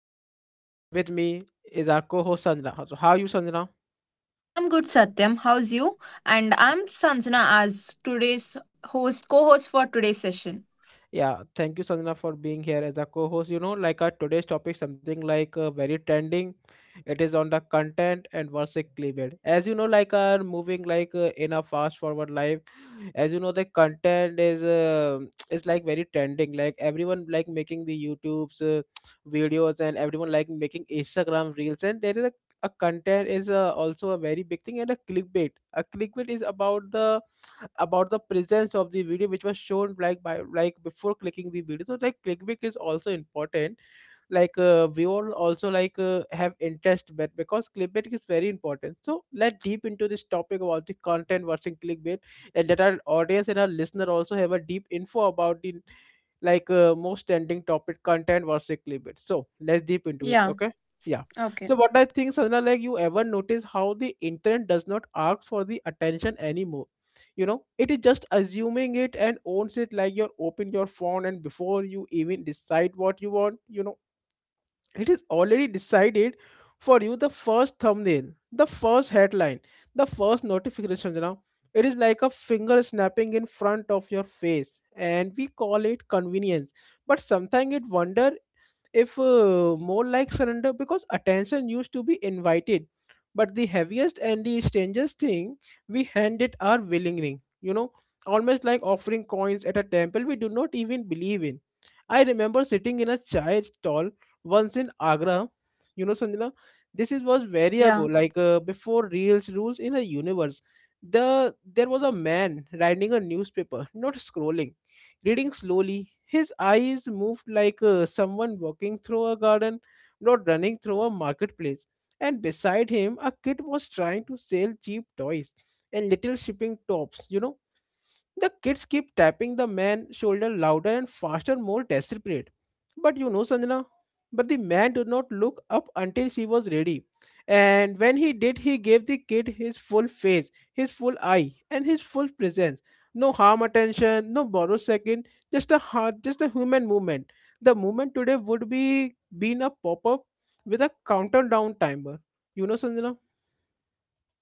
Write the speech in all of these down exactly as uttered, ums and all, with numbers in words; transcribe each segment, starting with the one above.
Satyam and with me is our co-host Sanjana. So how are you, Sanjana? I'm good, Satyam. How's you? And I'm Sanjana as today's host, co-host for today's session. Yeah, thank you, Sanjana, for being here as a co-host. You know, like our today's topic, something like uh, very trending. It is on the content and versus clickbait. As you know, like are moving like uh, in a fast-forward life. As you know, the content is uh, is like very trending. Like everyone like making the YouTube's uh, videos and everyone like making Instagram reels. And there is a, a content is uh, also a very big thing and a clickbait. A clickbait is about the about the presence of the video which was shown like by like before clicking the video, so like clickbait is also important like uh, we all also like uh, have interest, but because clickbait is very important, so let deep into this topic about the content versus clickbait and that our audience and our listener also have a deep info about the like uh, most trending topic content versus clickbait. So let's deep into it. Yeah. Okay. Yeah. Okay. So what I think, Sandra, like you ever notice how the internet does not ask for the attention anymore. You know, it is just assuming it and owns it, like your open your phone, and before you even decide what you want, you know, it is already decided for you, the first thumbnail, the first headline, the first notification, you know, it is like a finger snapping in front of your face, and we call it convenience, but sometimes it wonder if uh, more like surrender, because attention used to be invited, but the heaviest and the strangest thing, we hand it our willing ring, you know, almost like offering coins at a temple we do not even believe in. I remember sitting in a chai stall once in Agra, you know, Sanjana, this is was very ago Yeah. like uh, before reels rules in a universe. The there was a man riding a newspaper, not scrolling, reading slowly. His eyes moved like uh, someone walking through a garden, not running through a marketplace. And beside him, a kid was trying to sell cheap toys and little shipping tops, you know, the kids keep tapping the man's shoulder louder and faster, more desperate. But you know, Sanjana, but the man did not look up until she was ready. And when he did, he gave the kid his full face, his full eye, and his full presence. No harm attention, no borrowed second, just a heart, just a human movement. The movement today would be been a pop-up with a countdown timer. You know, Sanjana?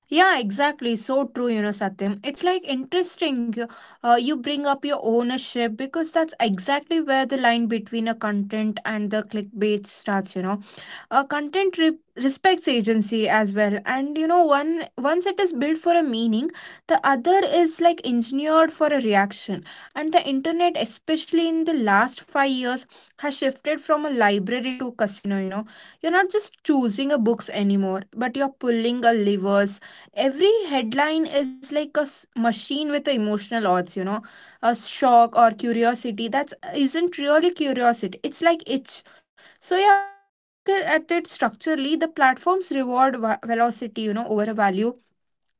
Yeah, exactly. So true, you know, Satyam. It's like interesting. You, uh, you bring up your ownership because that's exactly where the line between a content and the clickbait starts, you know. uh, content re- respects agency as well, and you know, one once it is built for a meaning, the other is like engineered for a reaction. And the internet, especially in the last five years, has shifted from a library to casino, you know. You're not just choosing a books anymore, but you're pulling a levers. Every headline is like a s- machine with a emotional odds, you know, a shock or curiosity that isn't really curiosity, it's like itch. So yeah, if we look at at it structurally, the platforms reward va- velocity, you know, over a value.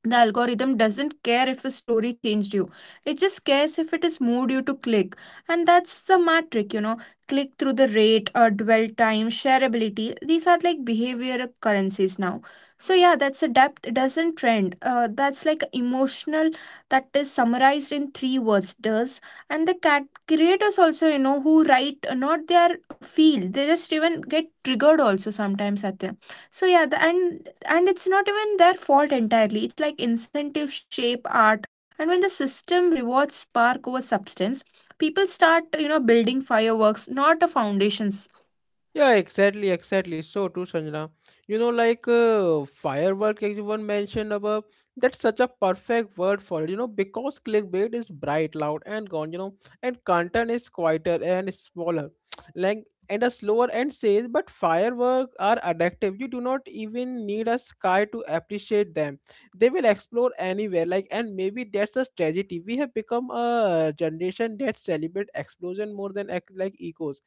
The algorithm doesn't care if a story changed you. It just cares if it has moved you to click. And that's the metric, you know. Click through the rate or dwell time, shareability. These are like behavior currencies now. So yeah, that's a depth. It doesn't trend. Uh, that's like emotional. That is summarized in three words. Does, and the cat creators also, you know, who write uh, not their feel. They just even get triggered also sometimes at them. So yeah, the, and and it's not even their fault entirely, it's like incentive shape art. And when the system rewards spark over substance, people start, you know, building fireworks, not a foundations. Yeah, exactly, exactly. So too, Sanjana. You know, like uh, firework, everyone mentioned above, that's such a perfect word for it, you know, because clickbait is bright, loud, and gone, you know, and content is quieter and smaller, like, and a slower and says, but fireworks are addictive. You do not even need a sky to appreciate them. They will explore anywhere, like, and maybe that's a tragedy. We have become a generation that celebrate explosion more than act like echoes.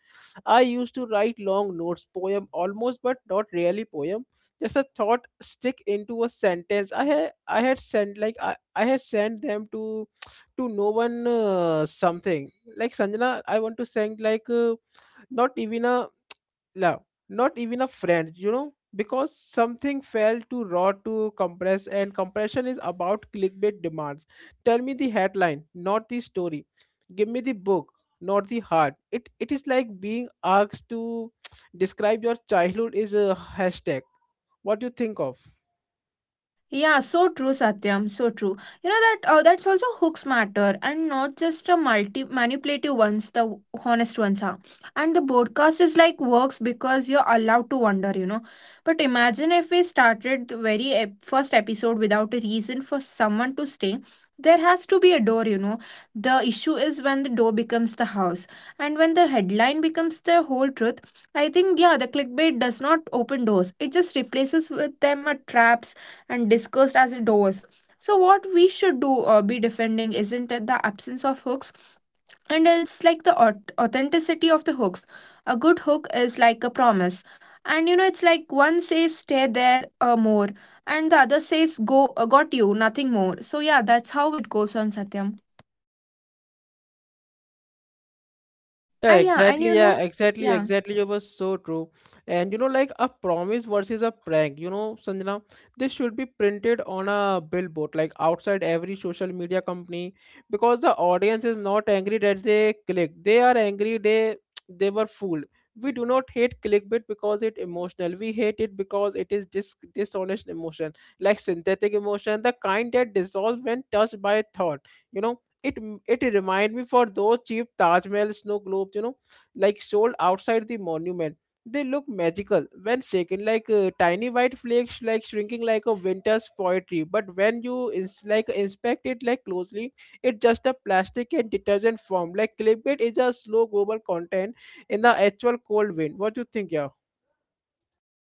I used to write long notes, poem almost, but not really poem. Just a thought stick into a sentence. I had I had sent like I, I had sent them to to no one, uh, something like Sanjana. I want to send like uh, not even a, no, not even a friend, you know, because something fell too raw to compress, and compression is about clickbait demands. Tell me the headline, not the story. Give me the book, not the heart. It it is like being asked to describe your childhood is a hashtag. What do you think of? Yeah, so true, Satyam. So true. You know that uh, that's also hooks matter, and not just a multi manipulative ones. The w- honest ones are, and the broadcast is like works because you're allowed to wonder. You know, but imagine if we started the very ep- first episode without a reason for someone to stay. There has to be a door. You know, the issue is when the door becomes the house, and when the headline becomes the whole truth. I think yeah, the clickbait does not open doors. It just replaces with them a traps and discussed as doors. So what we should do or be defending isn't it the absence of hooks, and it's like the aut- authenticity of the hooks. A good hook is like a promise, and you know, it's like one says stay there uh, more, and the other says go, uh, got you nothing more. So yeah, that's how it goes on, Satyam. Ah Yeah, yeah, and exactly. you know, Yeah, exactly. yeah. Exactly. It was so true. And you know, like a promise versus a prank, you know, Sanjana, this should be printed on a billboard, like outside every social media company, because the audience is not angry that they clicked. They are angry they they were fooled. We do not hate clickbait because it emotional. We hate it because it is dis dishonest emotion, like synthetic emotion, the kind that dissolves when touched by thought. You know, it m- it remind me for those cheap Taj Mahal snow globes, you know, like sold outside the monument. They look magical when shaken, like uh, tiny white flakes, like shrinking like a winter's poetry. But when you ins- like inspect it like closely, it's just a plastic and detergent form. Like clickbait is a slow global content in the actual cold wind. What do you think, yeah?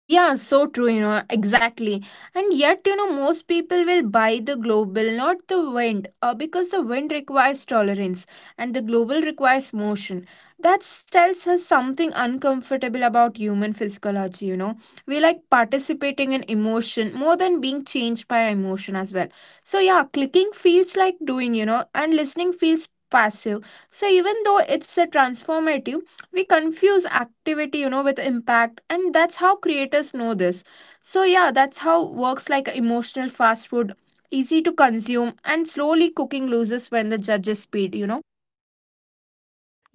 Yeah, so true, you know, exactly. And yet, you know, most people will buy the global, not the wind, uh, because the wind requires tolerance and the global requires motion. That tells us something uncomfortable about human physiology, you know. We like participating in emotion more than being changed by emotion as well. So, yeah, clicking feels like doing, you know, and listening feels passive. So, even though it's a transformative, we confuse activity, you know, with impact, and that's how creators know this. So yeah, that's how works, like emotional fast food, easy to consume, and slowly cooking loses when the judges speed, you know.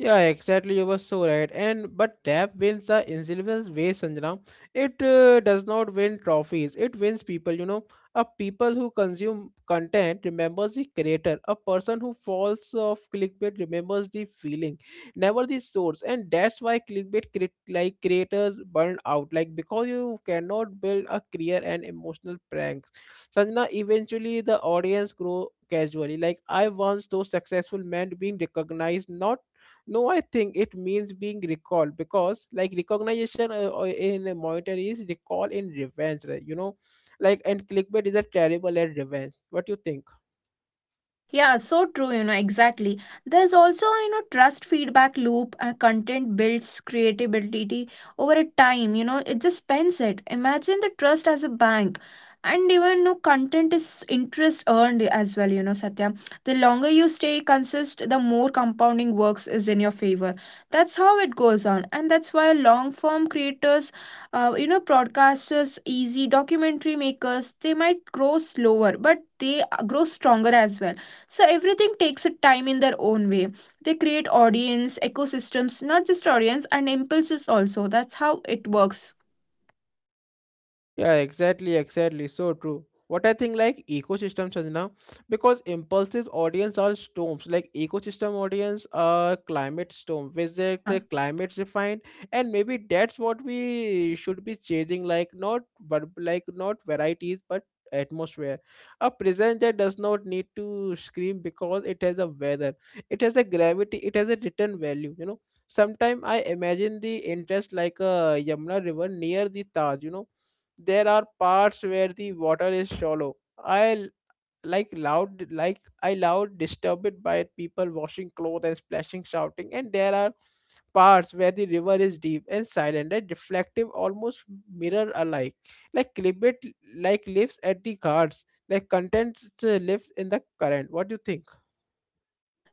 Yeah, exactly. You were so right. And but tap wins the invisible way, Sanjana. It uh, does not win trophies. It wins people. You know, a people who consume content remembers the creator. A person who falls off clickbait remembers the feeling, never the source. And that's why clickbait cre- like creators burn out. Like because you cannot build a clear and emotional prank. Sanjana, eventually the audience grow casually. Like I once saw successful men being recognized, not no, I think it means being recalled because, like, recognition uh, uh, in a monetary is recall in revenge, right? You know, like, and clickbait is a terrible at revenge. What you think? Yeah, so true, you know, exactly. There's also, you know, trust feedback loop, and content builds creativity over a time, you know, it just spends it. Imagine the trust as a bank. And even no content is interest earned as well, you know, Satya. The longer you stay consist, the more compounding works is in your favor. That's how it goes on. And that's why long form creators, uh, you know, broadcasters, easy documentary makers, they might grow slower, but they uh, grow stronger as well. So everything takes a time in their own way. They create audience, ecosystems, not just audience and impulses also. That's how it works. Yeah, exactly, exactly. So true. What I think like ecosystems is, because impulsive audience are storms, like ecosystem audience are climate storm visit the Yeah. climate refined, and maybe that's what we should be chasing, like not but like not varieties but atmosphere, a present that does not need to scream because it has a weather, it has a gravity, it has a return value, you know. Sometimes I imagine the interest like a Yamuna river near the Taj, you know, there are parts where the water is shallow. I l- like loud, like I loud disturbed by people washing clothes and splashing, shouting, and there are parts where the river is deep and silent and reflective, almost mirror alike. Like Clibbit, like lives at the guards, like content uh, lives in the current. What do you think?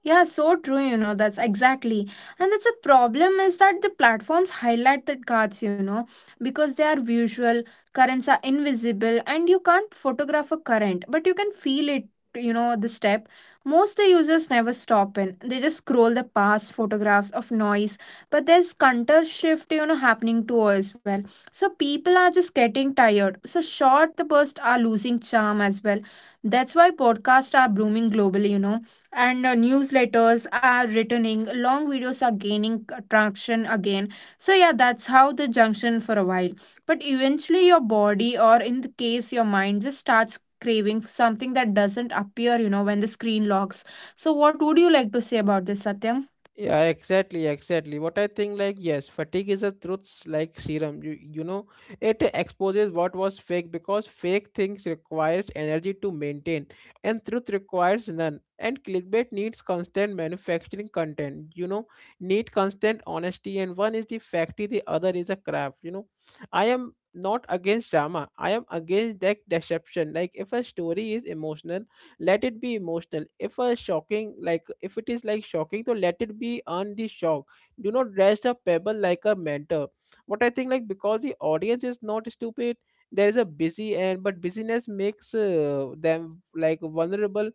Yeah, so true, you know, that's exactly. And that's a problem is that the platforms highlight the cards, you know, because they are visual, currents are invisible, and you can't photograph a current, but you can feel it, you know, the step. Most the users never stop in. They just scroll the past photographs of noise, but there's counter shift, you know, happening too as well. So people are just getting tired. So short the bursts are losing charm as well. That's why podcasts are blooming globally, you know, and uh, newsletters are returning, long videos are gaining traction again. So yeah, that's how the junction for a while, but eventually your body, or in the case your mind, just starts craving for something that doesn't appear, you know, when the screen locks. So what would you like to say about this, Satyam? Yeah, exactly, exactly. What I think, like, yes, fatigue is a truth like serum. You, you know, it exposes what was fake because fake things requires energy to maintain, and truth requires none. And clickbait needs constant manufacturing content. You know, need constant honesty, and one is the factory, the other is a craft. You know, I am not against drama. I am against that deception. Like, if a story is emotional, let it be emotional. If a shocking, like if it is like shocking, so let it be on the shock. Do not dress a pebble like a mentor. What I think like, because the audience is not stupid, there is a busy, and but busyness makes uh, them like vulnerable.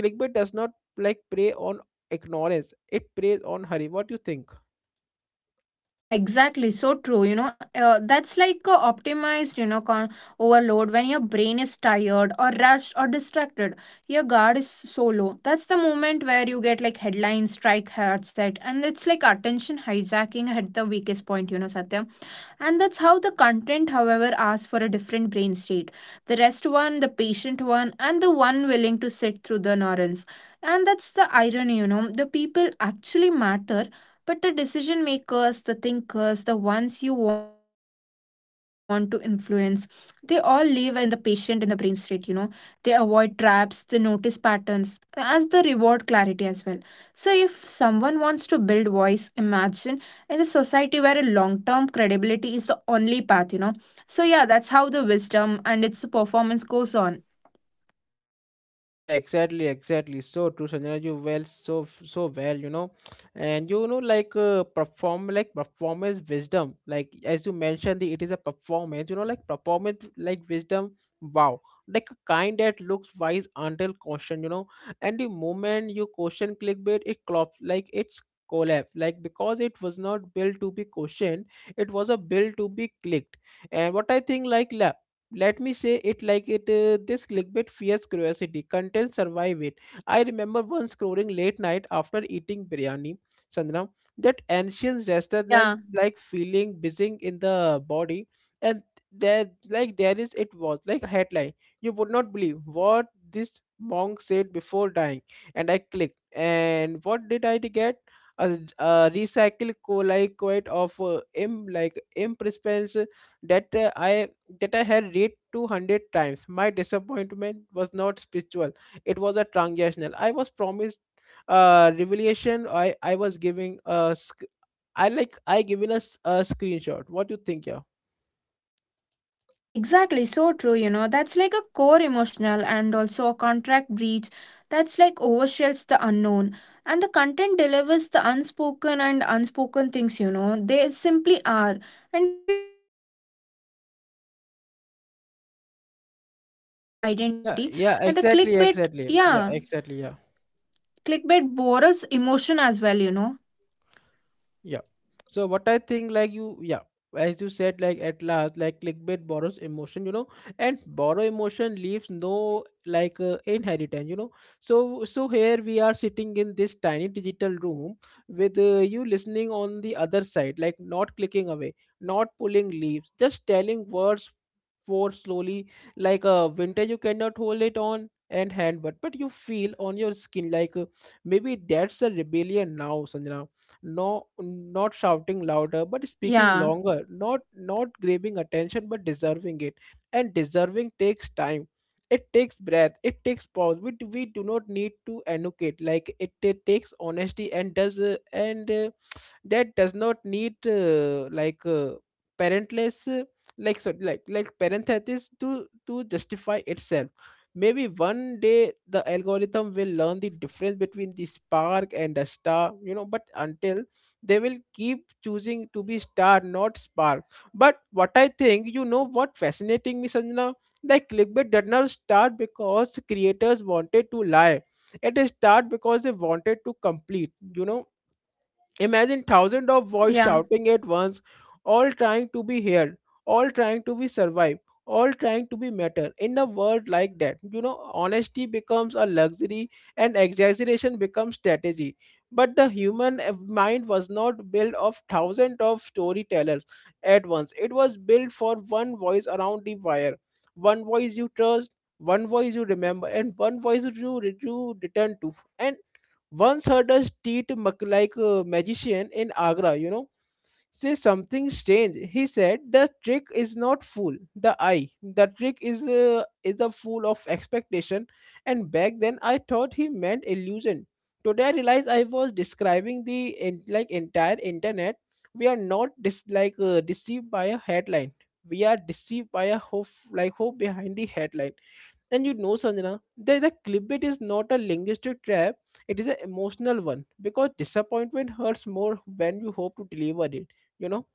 Clickbait does not like prey on ignorance, it preys on hurry. What do you think? Yeah, exactly. So true. You know, uh, that's like a optimized, you know, con- overload when your brain is tired or rushed or distracted. Your guard is so low. That's the moment where you get like headlines strike headset, and it's like attention hijacking at the weakest point, you know, Satya. And that's how the content, however, asks for a different brain state. The rest one, the patient one, and the one willing to sit through the ignorance. And that's the irony, you know. The people actually matter, but the decision makers, the thinkers, the ones you want to influence, they all live in the patient in the brain state, you know. They avoid traps, they notice patterns as the reward clarity as well. So if someone wants to build voice, imagine in the society where a long-term credibility is the only path, you know. So yeah, that's how the wisdom and its performance goes on. Yeah, exactly, exactly. So true, Sanjana. You well, so so well, you know, and you know, like uh, perform, like performance wisdom. Like as you mentioned, the, it is a performance. You know, like performance, like wisdom. Wow, like a kind that looks wise until caution. You know, and the moment you caution clickbait, it clops like it's collapse. Like because it was not built to be cautioned, it was a built to be clicked. And what I think, like la let me say it like it uh, this clickbait fears curiosity content survive it. I remember once scrolling late night after eating biryani, Sandra, that ancient restlessness, Yeah. like feeling buzzing in the body, and there like there is it was like a headline, you would not believe what this monk said before dying, and I clicked, and what did I get? A, a recycled co- like quite of uh, im like imp that uh, I that I had read two hundred times. My disappointment was not spiritual, it was a transactional. I was promised uh revelation. I i was giving a sc- Yeah. I like I given us a, s- a screenshot. What do you think? Yeah, Yeah, exactly. So true, you know. That's like a core emotional and also a contract breach that's like overshares the unknown. And the content delivers the unspoken and unspoken things, you know. They simply are. And if we don't want to summarize these areas, it's like error con- content builds yeah, identity, yeah, and the exactly, clickbait, exactly, yeah, yeah, exactly, yeah. clickbait borrows emotion as well, you know. Yeah. So what I think like you, yeah, as you said, like at last, like clickbait borrows emotion, you know, and borrow emotion leaves no like uh, inheritance, you know. So so here we are sitting in this tiny digital room with uh, you listening on the other side, like not clicking away, not pulling leaves, just telling words for slowly like a uh, winter you cannot hold it on and hand but but you feel on your skin like uh, maybe that's a rebellion now Sanjana, no, not shouting louder but speaking Yeah, longer, not not grabbing attention but deserving it. And deserving takes time. It takes breath, it takes pause. We, do- we do not need to annotate like it, it takes honesty and does uh, and uh, that does not need uh, like uh, parentless uh, like so like like parenthesis to to justify itself. Maybe one day the algorithm will yeah, learn the difference between the spark and the star, you know, but until they will keep choosing to be star, not spark. But what I think, you know, what fascinating me, Sanjana, like clickbait did not start because creators wanted to lie. It started because they wanted to complete, you know. Imagine thousands of voices yeah. shouting at once, all trying to be heard, all trying to be survived, all trying to be matter. In a world like that, you know, honesty becomes a luxury and exaggeration becomes strategy. But the human uh, mind was not built of thousands of storytellers at once. It was built for one voice around the wire, one voice you trust, one voice you remember, and one voice you, re- you return to. And once heard a street mag- like a magician in Agra, you know, say something strange. He said the trick is not fool the eye. The trick is uh, is a fool of expectation. And back then I thought he meant illusion. Today I realize I was describing the en- like entire internet. We are not dis- like uh, deceived by a headline. We are deceived by a hope, like hope behind the headline. And you know, Sanjana, the, the clipbait is not a linguistic trap, it is an emotional one because disappointment hurts more when you hope to deliver it, you know.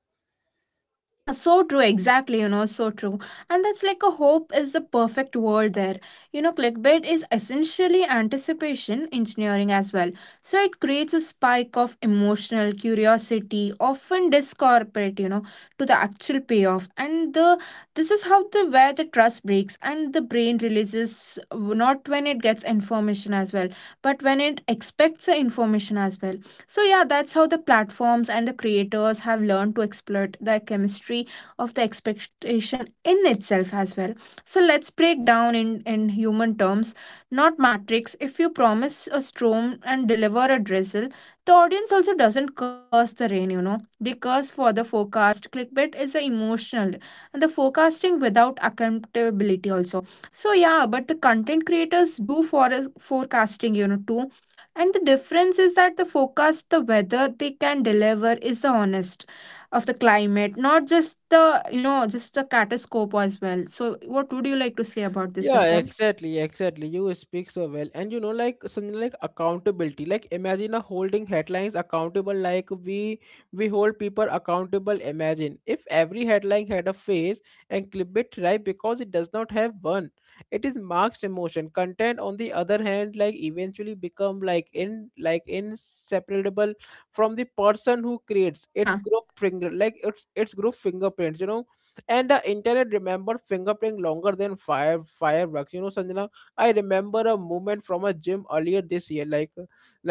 Yeah, so true. Exactly, you know, so true. And that's like a hope is the perfect word there. You know, clickbait is essentially anticipation engineering as well. So it creates a spike of emotional curiosity, often discorporate, you know, to the actual payoff. And the this is how the where the trust breaks, and the brain releases not when it gets information as well, but when it expects the information as well. So, yeah, that's how the platforms and the creators have learned to exploit the chemistry of the expectation in itself as well. So, let's break down in, in human terms, not matrix. If you promise a storm and deliver a drizzle, the audience also doesn't curse the rain, you know. They curse for the forecast. Clickbait is a emotional and the forecasting without accountability also. So, yeah, but the content creators do for forecasting, you know, too, and the difference is that the forecast, the weather they can deliver is the honest of the climate, not just the, you know, just the catastrophe as well. So what would you like to say about this, Yeah, Satyam? exactly, exactly. You speak so well, and you know, like something like accountability. Like imagine a holding headlines accountable. Like we we hold people accountable. Imagine if every headline had a face and clip it, right? Because it does not have one. It is marked emotion. Content, on the other hand, like eventually become like in like inseparable from the person who Y- creates its yeah. group finger, like its its group fingerprints. You know, and the internet remember, fingerprint longer than fire fireworks, you know, Sanjana. I remember a moment from a gym earlier this year, like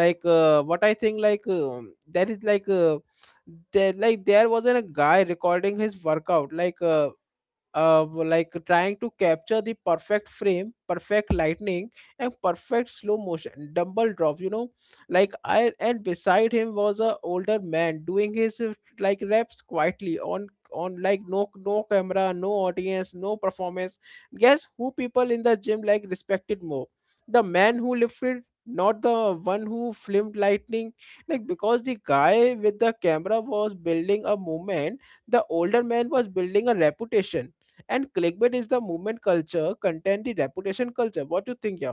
like uh, what I think, like um, that is like uh, there like there wasn't a guy recording his workout like uh, uh, like trying to capture the perfect frame, perfect lightning, and perfect slow motion. Dumble drop, you know, like I, and beside him was a older man doing his uh, like reps quietly on on like no no camera, no audience, no performance. Guess who people in the gym like respected more? The man who lifted. Not the one who filmed lightning, like because the guy with the camera was building a movement, the older man was building a reputation. And clickbait is the movement culture, content the reputation culture. What do you think, yeah?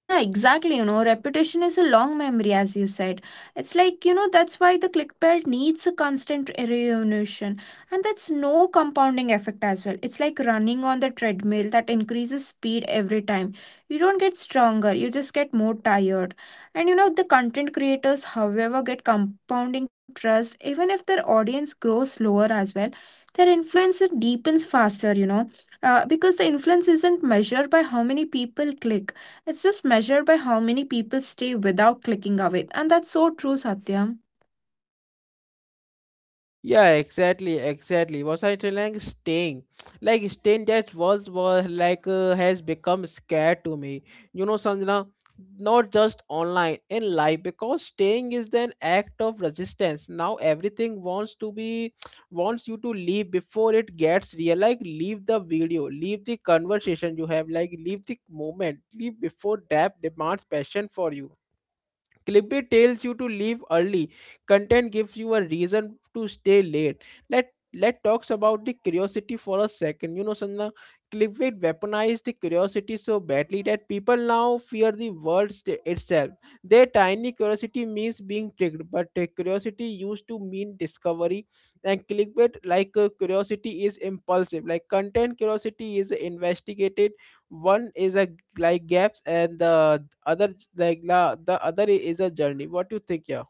Yeah, exactly. You know, reputation is a long memory, as you said. It's like, you know, that's why the clickbait needs a constant reunion. And that's no compounding effect as well. It's like running on the treadmill that increases speed every time. You don't get stronger, you just get more tired. And, you know, the content creators, however, get compounding trust, even if their audience grows slower as well. Their influence it deepens faster, you know, uh, because the influence isn't measured by how many people click, it's just measured by how many people stay without clicking away. And that's so true, Satyam. Yeah, exactly, exactly. Was I telling staying? Like staying that was was like uh, has become scared to me. You know, Sanjana, not just online in life, because staying is an act of resistance. Now everything wants to be wants you to leave before it gets real. Like leave the video, leave the conversation you have, like leave the moment, leave before depth demands passion for you. Clipboard tells you to leave early. Content gives you a reason to stay late. Let let talks about the curiosity for a second. You know, Sanjana, clipbait weaponized the curiosity so badly that people now fear the word st- itself. Their tiny curiosity means being tricked, but uh, curiosity used to mean discovery. And clickbait, like uh, curiosity, is impulsive. Like content, curiosity is investigated. One is a like gaps, and the other like la, the other is a journey. What do you think, yeah?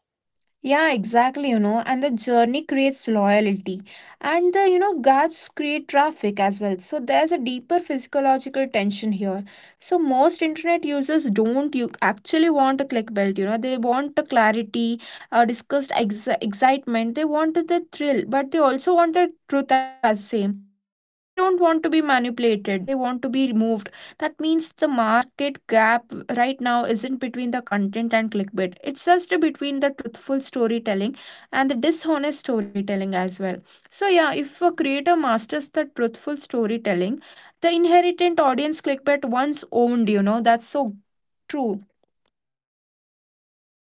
Yeah, exactly, you know, and the journey creates loyalty. And the, you know, gaps create traffic as well. So there's a deeper physiological tension here. So most internet users don't you actually want a clickbait? You know, they want the clarity, uh, discussed ex- excitement, they want the thrill, but they also want the truth as same. So they don't want to be manipulated, they want to be removed. That means the market gap right now isn't between the content and clickbait. It's just between the truthful storytelling and the dishonest storytelling as well. So, yeah, if a creator masters the truthful storytelling, the inherent audience clickbait once owned, you know, that's so true.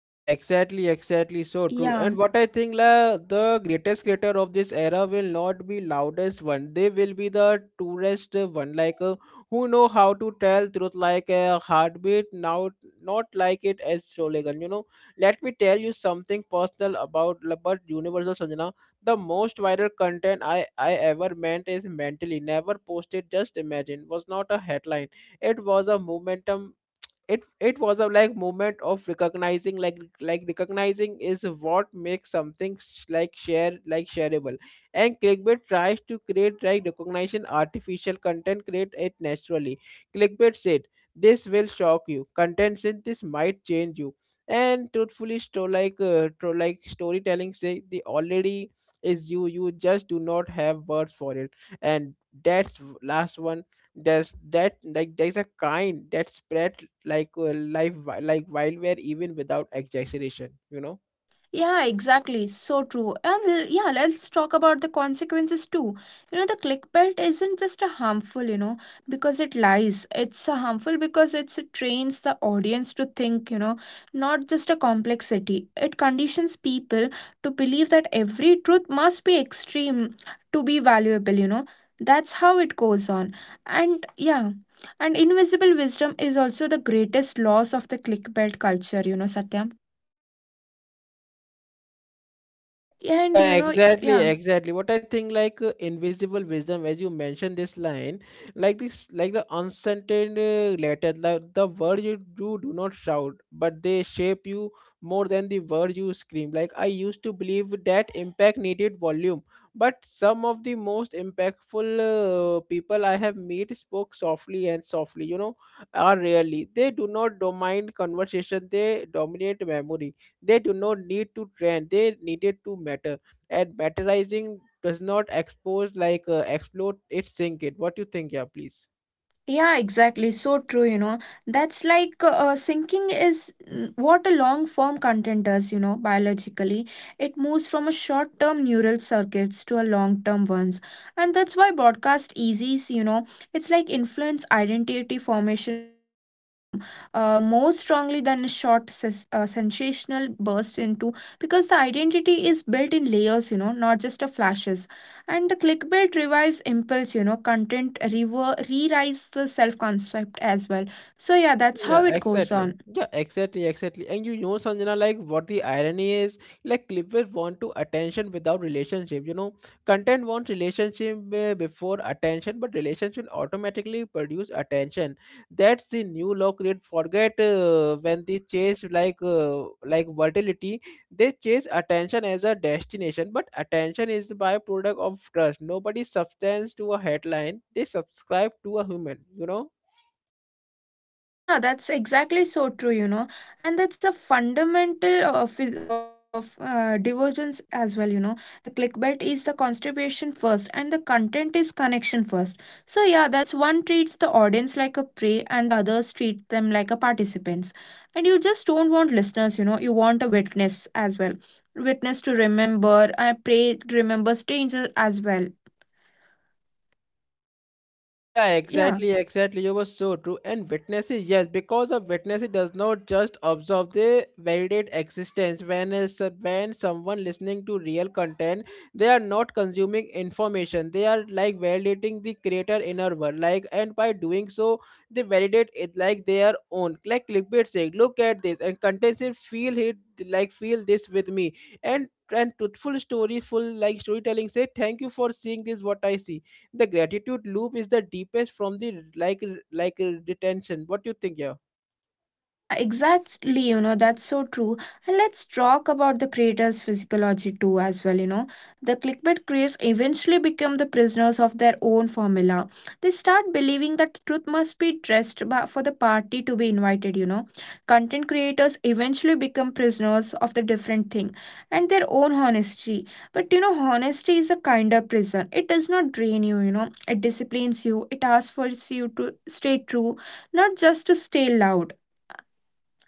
Yeah, exactly, exactly. So true. Yeah. And what I think, la, the greatest creator of this era will not be loudest one. They will be the tourist one, like uh, who know how to tell truth like a heartbeat. Now, not like it as slogan. You know, let me tell you something personal about about Universal Sanjana. The most viral content I I ever meant is mentally never posted. Just imagine was not a headline. It was a momentum, it it was a like moment of recognizing, like like recognizing is what makes something sh- like share like shareable and clickbait tries to create like recognition artificial, content create it naturally. Clickbait said this will shock you, content said this might change you. And truthfully sto- like uh, to like storytelling say the already is you, you just do not have words for it. And that's w- last one, there's that like there's a kind that spread like uh, life wi- like wildfire even without exaggeration, you know. Yeah, exactly. So true. And l- yeah, let's talk about the consequences too. You know, the clickbait isn't just a harmful, you know, because it lies. It's a harmful because it's, it trains the audience to think, you know, not just a complexity. It conditions people to believe that every truth must be extreme to be valuable, you know. That's how it goes on. And yeah. And invisible wisdom is also the greatest loss of the clickbait culture, you know, Satyam. And you Yeah, know, exactly, yeah. exactly. What I think, like uh, invisible wisdom, as you mentioned this line, like this, like the uncertain uh, letters, like the words you do do not shout, but they shape you more than the words you scream. Like I used to believe that impact needed volume, but some of the most impactful uh, people I have met spoke softly and softly. You know, are rarely they do not dominate conversation; they dominate memory. They do not need to trend, they needed to matter. And matterizing does not expose, like uh, explode, it sink it. What do you think, yeah, please? Yeah, exactly. So true, you know. That's like uh, sinking is mm, what a long form content does, you know, biologically. It moves from a short term neural circuits to a long term ones. And that's why broadcast eases, you know, it's like influence identity formation from uh, more strongly than a short ses- uh, sensational burst into because the identity is built in layers, you know, not just a flashes. And the clickbait revives impulse, you know, content rever- re-rise the self-concept as well. So yeah, that's Yeah, how it goes exactly. on. Yeah, exactly, exactly. And you know, Sanjana, like what the irony is, like Clippers want to attention without relationship. You know, content wants relationship uh, before attention, but relationship automatically produce attention. That's the new law. Create forget uh, when they chase like uh, like volatility, they chase attention as a destination, but attention is the byproduct of trust. Nobody substance to a headline. They subscribe to a human. You know. Yeah, that's exactly so true, you know, and that's a fundamental of of uh, divergence as well, you know. The clickbait is the contribution first, and the content is connection first. So yeah, that's one treats the audience like a prey, and the others treat them like a participants. And you just don't want listeners, you know. You want a witness as well, witness to remember, and prey to remember stranger as well. Yeah, Yeah. exactly, exactly. You were so true. And witnesses, yes, because of witnesses does not just observe, they validate existence. When is when someone listening to real content, they are not consuming information. They are like validating the creator inner world. Like, and by doing so, they validate it like their own. Like clickbait saying, look at this, and content say, feel it, like feel this with me. And and truthful story, full like storytelling say, thank you for seeing this what I see. The gratitude loop is the deepest from the like like uh, retention. What do you think, yeah? Yeah, exactly. You know, that's so true. And let's talk about the creators' physiology too, as well. You know, the clickbait craze eventually become the prisoners of their own formula. They start believing that truth must be dressed ba- for the party to be invited. You know, content creators eventually become prisoners of the different thing and their own honesty. But you know, honesty is a kind of prison. It does not drain you. You know, it disciplines you. It asks for you to stay true, not just to stay loud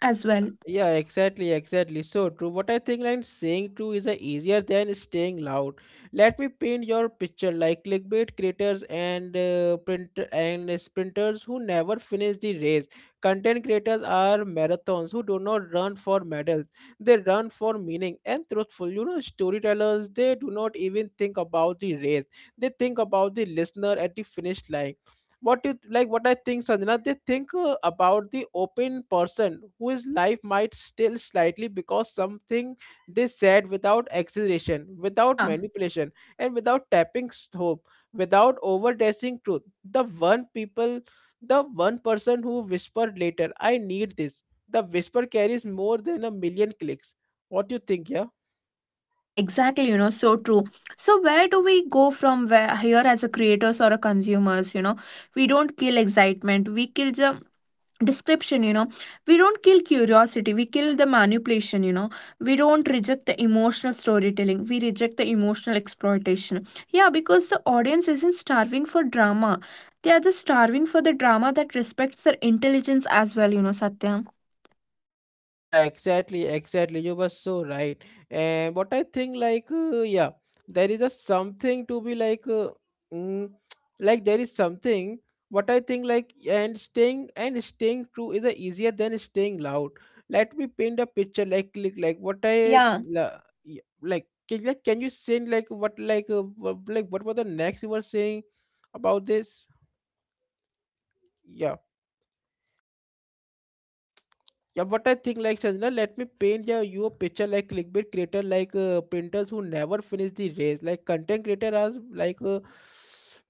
as yeah well. yeah exactly, exactly, so true. What I think, like saying true is uh, easier than staying loud. Let me paint your picture, like clickbait creators and uh, print and sprinters who never finish the race. Content creators are marathons who do not run for medals. They run for meaning. And truthful, you know, storytellers, they do not even think about the race. They think about the listener at the finish line. What you like, what I think, Sanjana, they think uh, about the open person whose life might still slightly because something they said without exaggeration, without Yeah. manipulation, and without tapping s- hope, without overdressing truth. The one people, the one person who whispered later, I need this. The whisper carries more than a million clicks. What do you think, yeah? Yeah, exactly. You know, so true. So where do we go from where here as a creators or a consumers, you know? We don't kill excitement. We kill the description, you know. We don't kill curiosity. We kill the manipulation, you know. We don't reject the emotional storytelling. We reject the emotional exploitation. Yeah, because the audience isn't starving for drama. They are just starving for the drama that respects their intelligence as well, you know, Satya. Yeah, exactly, exactly. You were so right. And what I think, like, uh, yeah, there is a something to be like, uh, mm, like there is something. What I think, like, and staying and staying true is a easier than staying loud. Let me paint a picture, like, like, like what I Yeah. la- y- like. Can, like, can you say like what like uh, wha- like what was the next you were saying about this? Yeah. Yeah, what I think, like Sanjana, let me paint, yeah, you a picture, like clickbait creator, like uh, printers who never finish the race, like content creator as like uh,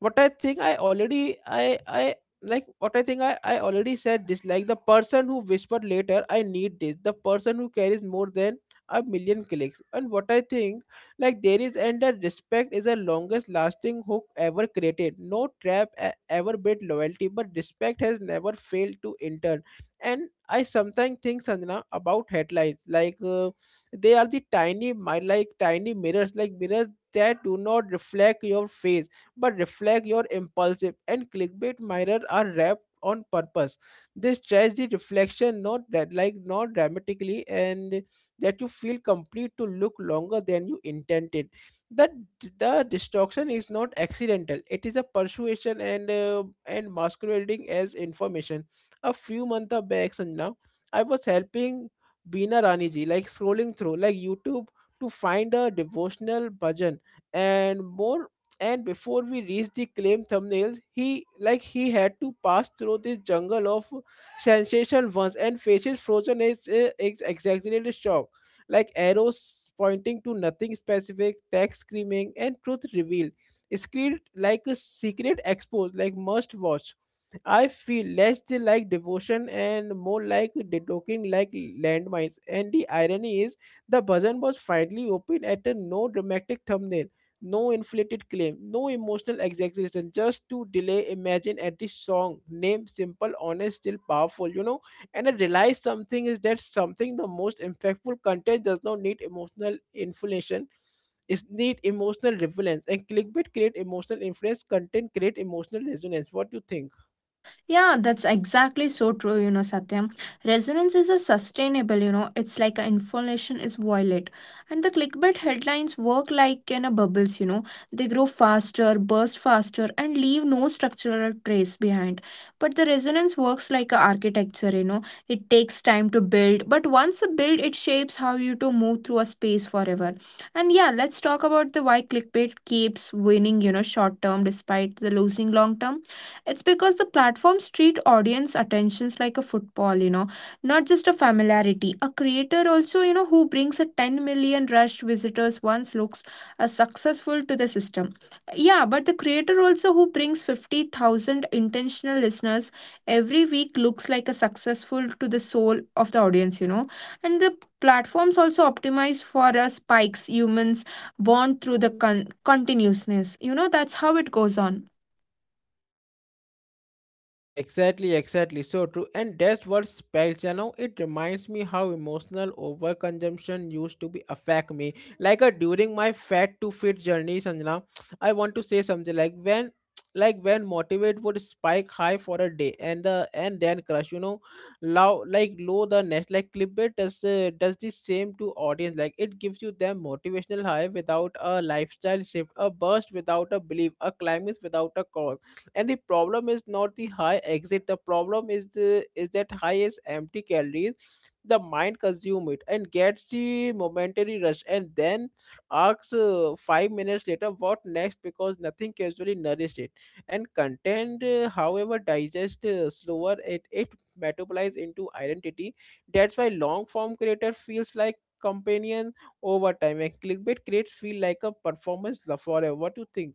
what I think I already I I like what I think I I already said this, like the person who whispered later I need this, the person who carries more than a million clicks. And what I think, like there is, and the respect is the longest lasting hook ever created. No trap e- ever built loyalty, but respect has never failed to intern. And I sometimes think, Sanjana, about headlines like uh, they are the tiny mi- like tiny mirrors, like mirrors that do not reflect your face but reflect your impulsive. And clickbait mirrors are wrapped on purpose. They stretch the reflection not that like not dramatically, and that you feel complete to look longer than you intended. That the the distraction is not accidental. It is a persuasion and uh, and masquerading as information a few months of back and now I was helping Bina Rani ji, like scrolling through like YouTube to find a devotional bhajan and more. And before we reached the claim thumbnails, he like he had to pass through this jungle of sensational ones, and faces frozen is, is exaggerated shock, like arrows pointing to nothing specific, text screaming and truth revealed screen like a secret expose, like must watch. I feel less they like devotion and more like detoking like landmines. And the irony is, the button was finally open at a no dramatic thumbnail, no inflated claim, no emotional exaggeration, just to delay imagine at the song name simple, honest, still powerful, you know. And I realized something is that something the most impactful content does not need emotional inflation, it's need emotional relevance, and clickbait create emotional influence, content create emotional resonance. What do you think? Yeah, that's exactly so true, you know, Satyam. Resonance is a sustainable, you know, it's like a information is violet. And the clickbait headlines work like in a bubbles, you know. They grow faster, burst faster, and leave no structural trace behind. But the resonance works like a architecture, you know. It takes time to build, but once a build, it shapes how you to move through a space forever. And yeah, let's talk about the why clickbait keeps winning, you know, short term despite the losing long term, it's because the platforms treat audience attentions like a football, you know, not just a familiarity. A creator also, you know, who brings a ten million rushed visitors once looks uh, successful to the system. Yeah, but the creator also who brings fifty thousand intentional listeners every week looks like a successful to the soul of the audience, you know. And the platforms also optimize for uh, spikes humans born through the con- continuousness. You know, that's how it goes on. Yeah, exactly, exactly. So true. And that's what spells, you know, it reminds me how emotional overconsumption used to be affect me. Like uh, during my fat to fit journey, Sanjana, I want to say something like when like when motivate would spike high for a day and the and then crush, you know, low like low the next, like clipbait does the does the same to audience. Like it gives you them motivational high without a lifestyle shift, a burst without a belief, a climax without a cause. And the problem is not the high exit, the problem is the is that high is empty calories. The mind consume it and gets the momentary rush and then asks uh, five minutes later what next, because nothing casually nourished it. And content uh, however digest uh, slower, it it metabolize into identity. That's why long form creator feels like companion over time, and clickbait creates feel like a performance for forever. What do you think?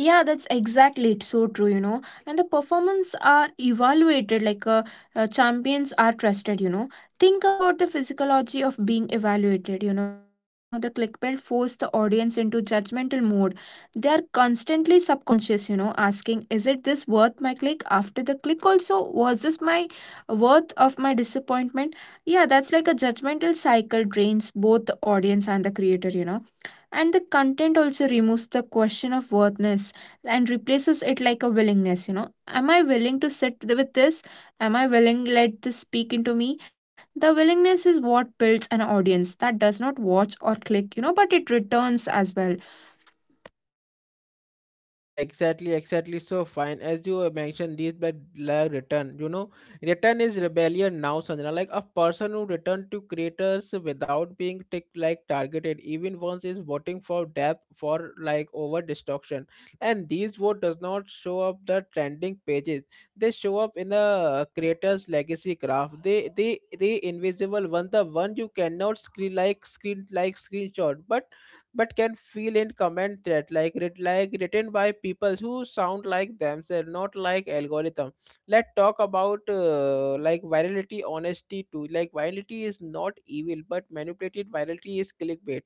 Yeah, that's exactly it's so true, you know. And the performance are evaluated like uh, uh, champions are trusted, you know. Think about the physiology of being evaluated, you know. The clickbait force the audience into judgmental mode. They are constantly subconscious, you know, asking, is it this worth my click? After the click also, was this my worth of my disappointment? Yeah, that's like a judgmental cycle drains both the audience and the creator, you know, and the content also removes the question of worthness and replaces it like a willingness, you know. Am I willing to sit th- with this? Am I willing let this speak into me? The willingness is what builds an audience that does not watch or click, you know, but it returns as well. Yeah, exactly, exactly. So fine. As you uh, mentioned, these back like return. You know, return is rebellion now, Sanjana. Like a person who returned to creators without being tick like targeted, even once, is voting for depth for like over destruction. And these vote does not show up the trending pages. They show up in the creators legacy graph. They they they invisible one, the one you cannot screen like screen like screenshot. But but can feel in comment that like writ- like written by people who sound like themselves, not like algorithm. Let's talk about uh, like virality honesty too. Like virality is not evil, but manipulated virality is clickbait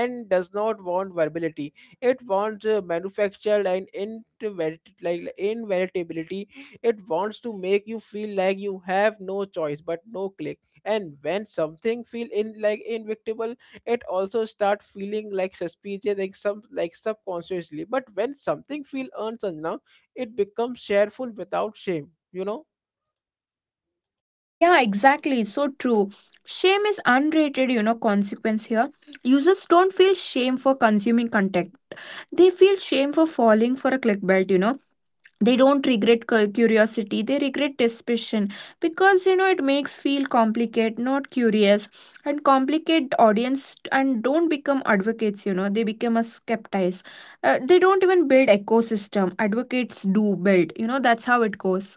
and does not want verbality. It wants uh, manufactured and inverit like inveritability. It wants to make you feel like you have no choice but no click, and when something feel in like invictable, it also start feeling like suspicious like some like subconsciously. But when something feel earned now, it becomes shareful without shame, you know. Yeah, exactly, so true. Shame is unrated, you know, consequence here. Users don't feel shame for consuming content. They feel shame for falling for a clickbait, you know. They don't regret cu- curiosity. They regret suspicion because, you know, it makes feel complicate, not curious. And complicate audience and don't become advocates, you know. They become a skeptics. Uh, they don't even build ecosystem. Advocates do build, you know. That's how it goes.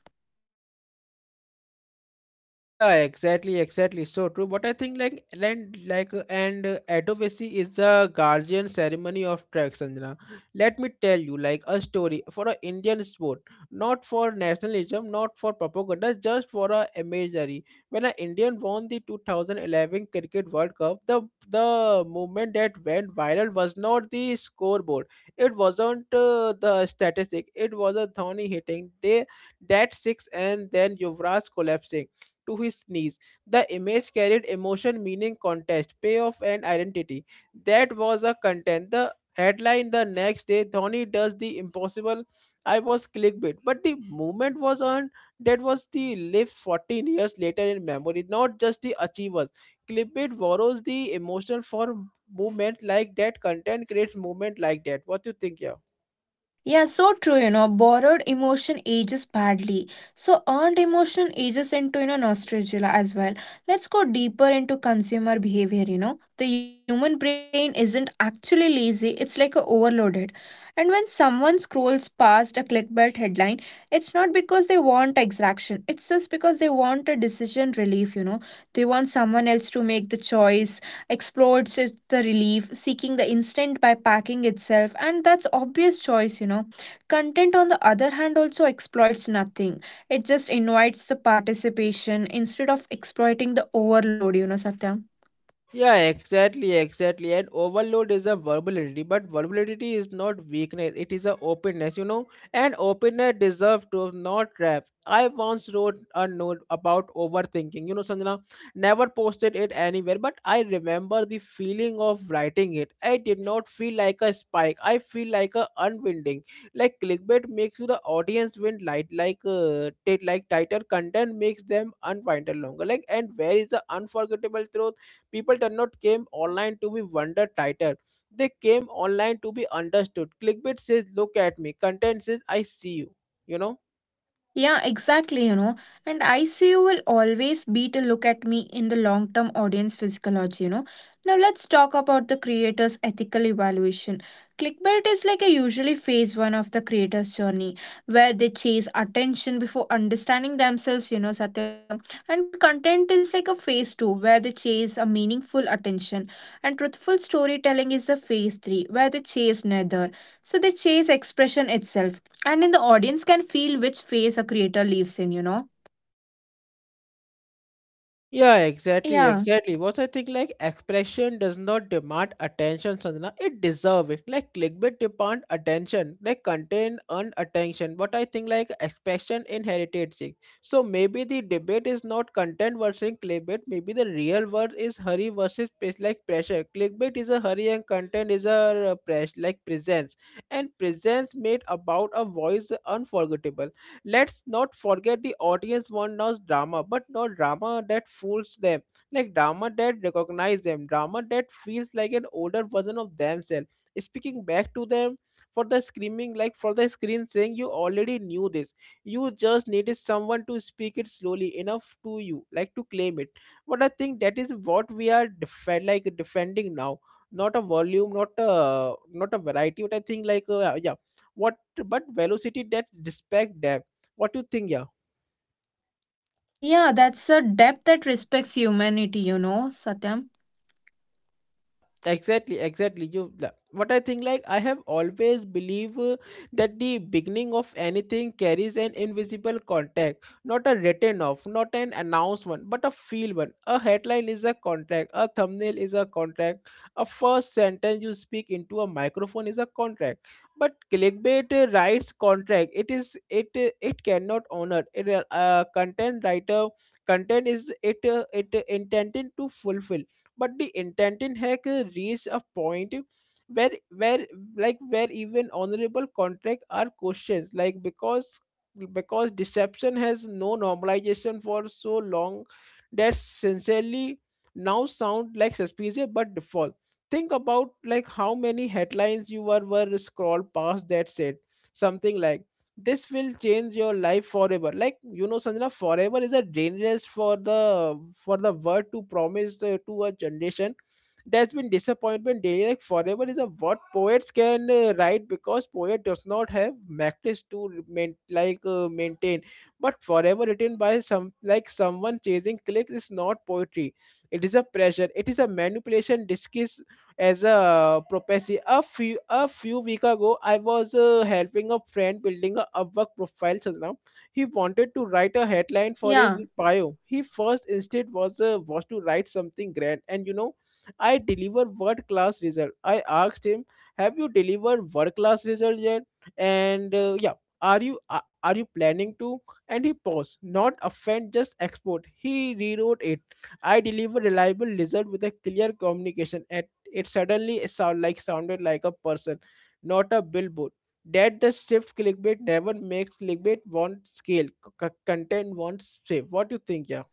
Yeah, exactly, exactly. So true. But I think like and like uh, and uh, advocacy is the guardian ceremony of tracks, Sanjana. Let me tell you like a story for a Indian sport, not for nationalism, not for propaganda, just for a imagery. When an Indian won the two thousand eleven Cricket World Cup, the the movement that went viral was not the scoreboard. It wasn't uh, the statistic. It was a Dhoni hitting they that six, and then Yuvraj collapsing to his knees. The image carried emotion, meaning, contest, payoff, and identity. That was a content. The headline the next day, Dhoni does the impossible. I was clickbait, but the moment was earned. That was the live fourteen years later in memory, not just the achievers. Clickbait borrows the emotion for movement like that. Content creates movement like that. What do you think, yeah? Yeah, so true, you know, borrowed emotion ages badly. So earned emotion ages into, you know, nostalgia as well. Let's go deeper into consumer behavior, you know. The human brain isn't actually lazy, it's like a overloaded. And when someone scrolls past a clickbait headline, it's not because they want exaction. It's just because they want a decision relief, you know. They want someone else to make the choice explodes is the relief, seeking the instant by packing itself, and that's obvious choice, you know. Content, on the other hand, also exploits nothing. It just invites the participation instead of exploiting the overload, you know, Satya. Yeah, exactly, exactly. And overload is a vulnerability, but vulnerability is not weakness, it is a openness, you know. And openness deserves to not trap. I once wrote a note about overthinking, you know, Sanjana, never posted it anywhere, but I remember the feeling of writing it. I did not feel like a spike, I feel like a unwinding. Like clickbait makes you the audience wind light, like uh, tit- like tighter content makes them unwind longer. Like, and where is the unforgettable truth? People did not came online to be wonder title, they came online to be understood. Clickbait says look at me, content says I see you, you know. Yeah, exactly, you know. And I see you will always beat a look at me in the long term audience physiology, you know. Now let's talk about the creator's ethical evaluation. Clickbait is like a usually phase one of the creator's journey where they chase attention before understanding themselves, you know, Satya. And content is like a phase two where they chase a meaningful attention. And truthful storytelling is a phase three where they chase neither. So they chase expression itself and in the audience can feel which phase a creator lives in, you know? Yeah, exactly, Yeah. exactly. What I think like expression does not demand attention, Sanjana. It deserve it. Like clickbait demand attention. Like content earn attention. What I think like expression inherited thing. So maybe the debate is not content versus clickbait. Maybe the real word is hurry versus pres- like pressure. Clickbait is a hurry and content is a press like presence. And presence made about a voice unforgettable. Let's not forget the audience want now drama, but not drama that fools them. Like drama that recognize them, drama that feels like an older version of themselves. Speaking back to them for the screaming, like for the screen saying you already knew this. You just needed someone to speak it slowly enough to you, like to claim it. But I think that is what we are defend like defending now. Not a volume, not a not a variety. But I think like uh, yeah, what but velocity that respect depth. What do you think? Yeah, Yeah, that's a depth that respects humanity, you know, Satyam. yeah, exactly, exactly. You la- what I think? Like I have always believe uh, that the beginning of anything carries an invisible contact, not a written off, not an announcement, but a feel one. A headline is a contract. A thumbnail is a contract. A first sentence you speak into a microphone is a contract. But clickbait uh, writes contract. It is it uh, it cannot honor. It uh, uh, content writer content is it uh, it uh, intended to fulfill, but the intent in hack uh, reached a point where where like where even honorable contract are questions like, because because deception has no normalization for so long that sincerely now sound like suspicious but default. Think about like how many headlines you were were scroll past that said something like this will change your life forever. Like, you know, Sanjana, forever is a dangerous for the for the word to promise uh, to a generation. There's been disappointment daily, like forever is a what poets can uh, write, because poet does not have practice to main, like uh, maintain. But forever written by some like someone chasing clicks is not poetry. It is a pressure, it is a manipulation disguised as a propensity. A few a few week ago I was uh, helping a friend building a Upwork profile. Now, he wanted to write a headline for his Yeah. bio. He first instinct was uh, was to write something grand and you know, I deliver world class result. I asked him, have you delivered world class result yet? And uh, yeah, are you are are you planning to? And he paused, not offend, just export. He rewrote it, I deliver reliable result with a clear communication. At it suddenly sound like sounded like a person, not a billboard. That the shift clickbait never makes. Clickbait want scale. C- c- content wants shape. What do you think, yeah?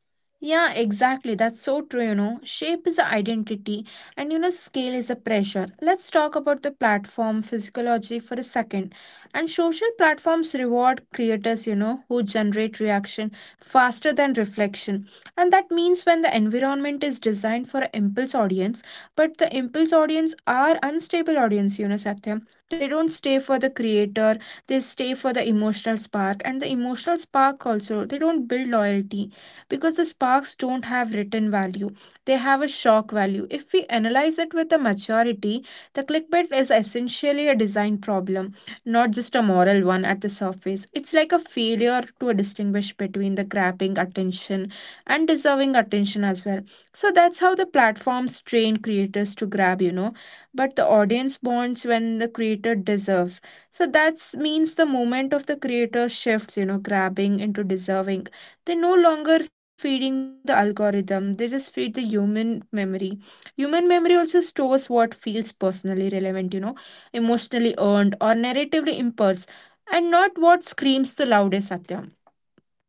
Yeah, exactly. That's so true, you know. Shape is a identity, and you know scale is a pressure. Let's talk about the platform physiology for a second. And social platforms reward creators, you know, who generate reaction faster than reflection. And that means when the environment is designed for an impulse audience, but the impulse audience are unstable audience, you know, Satya, they don't stay for the creator. They stay for the emotional spark, and the emotional spark also they don't build loyalty because the sparks don't have written value. They have a shock value. If we analyze it with a maturity, the clickbait is essentially a design problem, not just a moral one at the surface. It's like a failure to distinguish between the grabbing attention and deserving attention as well. So that's how the platforms train creators to grab, you know, but the audience bonds when the creator deserves. So that means the moment of the creator shifts, you know, grabbing into deserving. They no longer feeding the algorithm, they just feed the human memory. Human memory also stores what feels personally relevant, you know, emotionally earned or narratively impulse, and not what screams the loudest at them.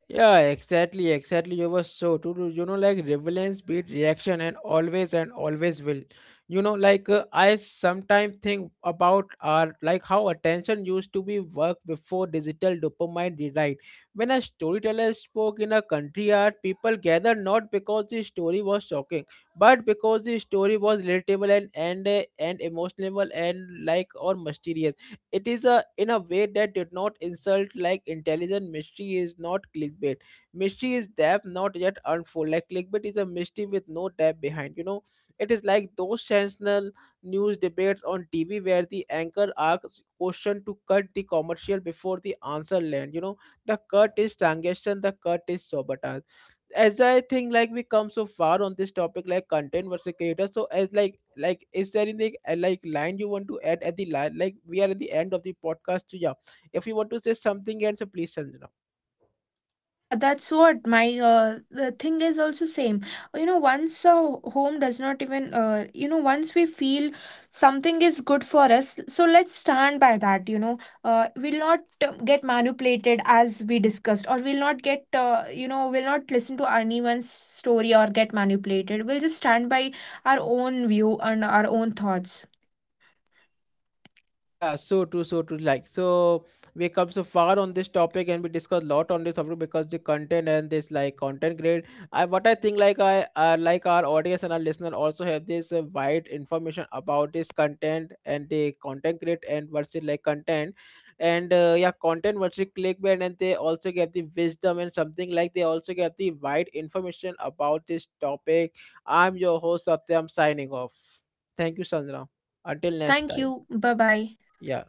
Yeah, exactly, exactly. You were so true. True. You know, like relevance beat reaction, and always and always will. You know, like uh, I sometimes think about our like how attention used to be work before digital dopamine rewrite. When a storyteller spoke in a country art, people gathered not because the story was shocking, but because the story was relatable and and uh, and emotional and like or mysterious. It is a in a way that did not insult like intelligent. Mystery is not clickbait, mystery is depth not yet unfold. Like clickbait is a mystery with no depth behind, you know. It is like those sensational news debates on TV where the anchor asks question to cut the commercial before the answer land, you know. The cut is transaction, the cut is sabotage. As I think like we come so far on this topic, like content versus creator. So as like like is there anything uh, like line you want to add at the line? Like we are at the end of the podcast. So yeah, if you want to say something, and so please, Sanjana. Yeah, that's what my uh, the thing is also same. You know, once a home does not even, uh, you know, once we feel something is good for us, so let's stand by that, you know. Uh, we'll not uh, get manipulated as we discussed, or we'll not get uh, you know, we'll not listen to anyone's story or get manipulated. We'll just stand by our own view and our own thoughts. Yeah, so true, so true. Like, so we come so far on this topic, and we discuss a lot on this topic because the content and this like content grade. I what I think like I uh, like our audience and our listener also have this uh, wide information about this content and the content grade and what's it like content, and uh, yeah, content versus clickbait, and they also get the wisdom and something like they also get the wide information about this topic. I'm your host Satyam signing off. Thank you, Sandra. Until next Thank time. you. Bye-bye. Yeah.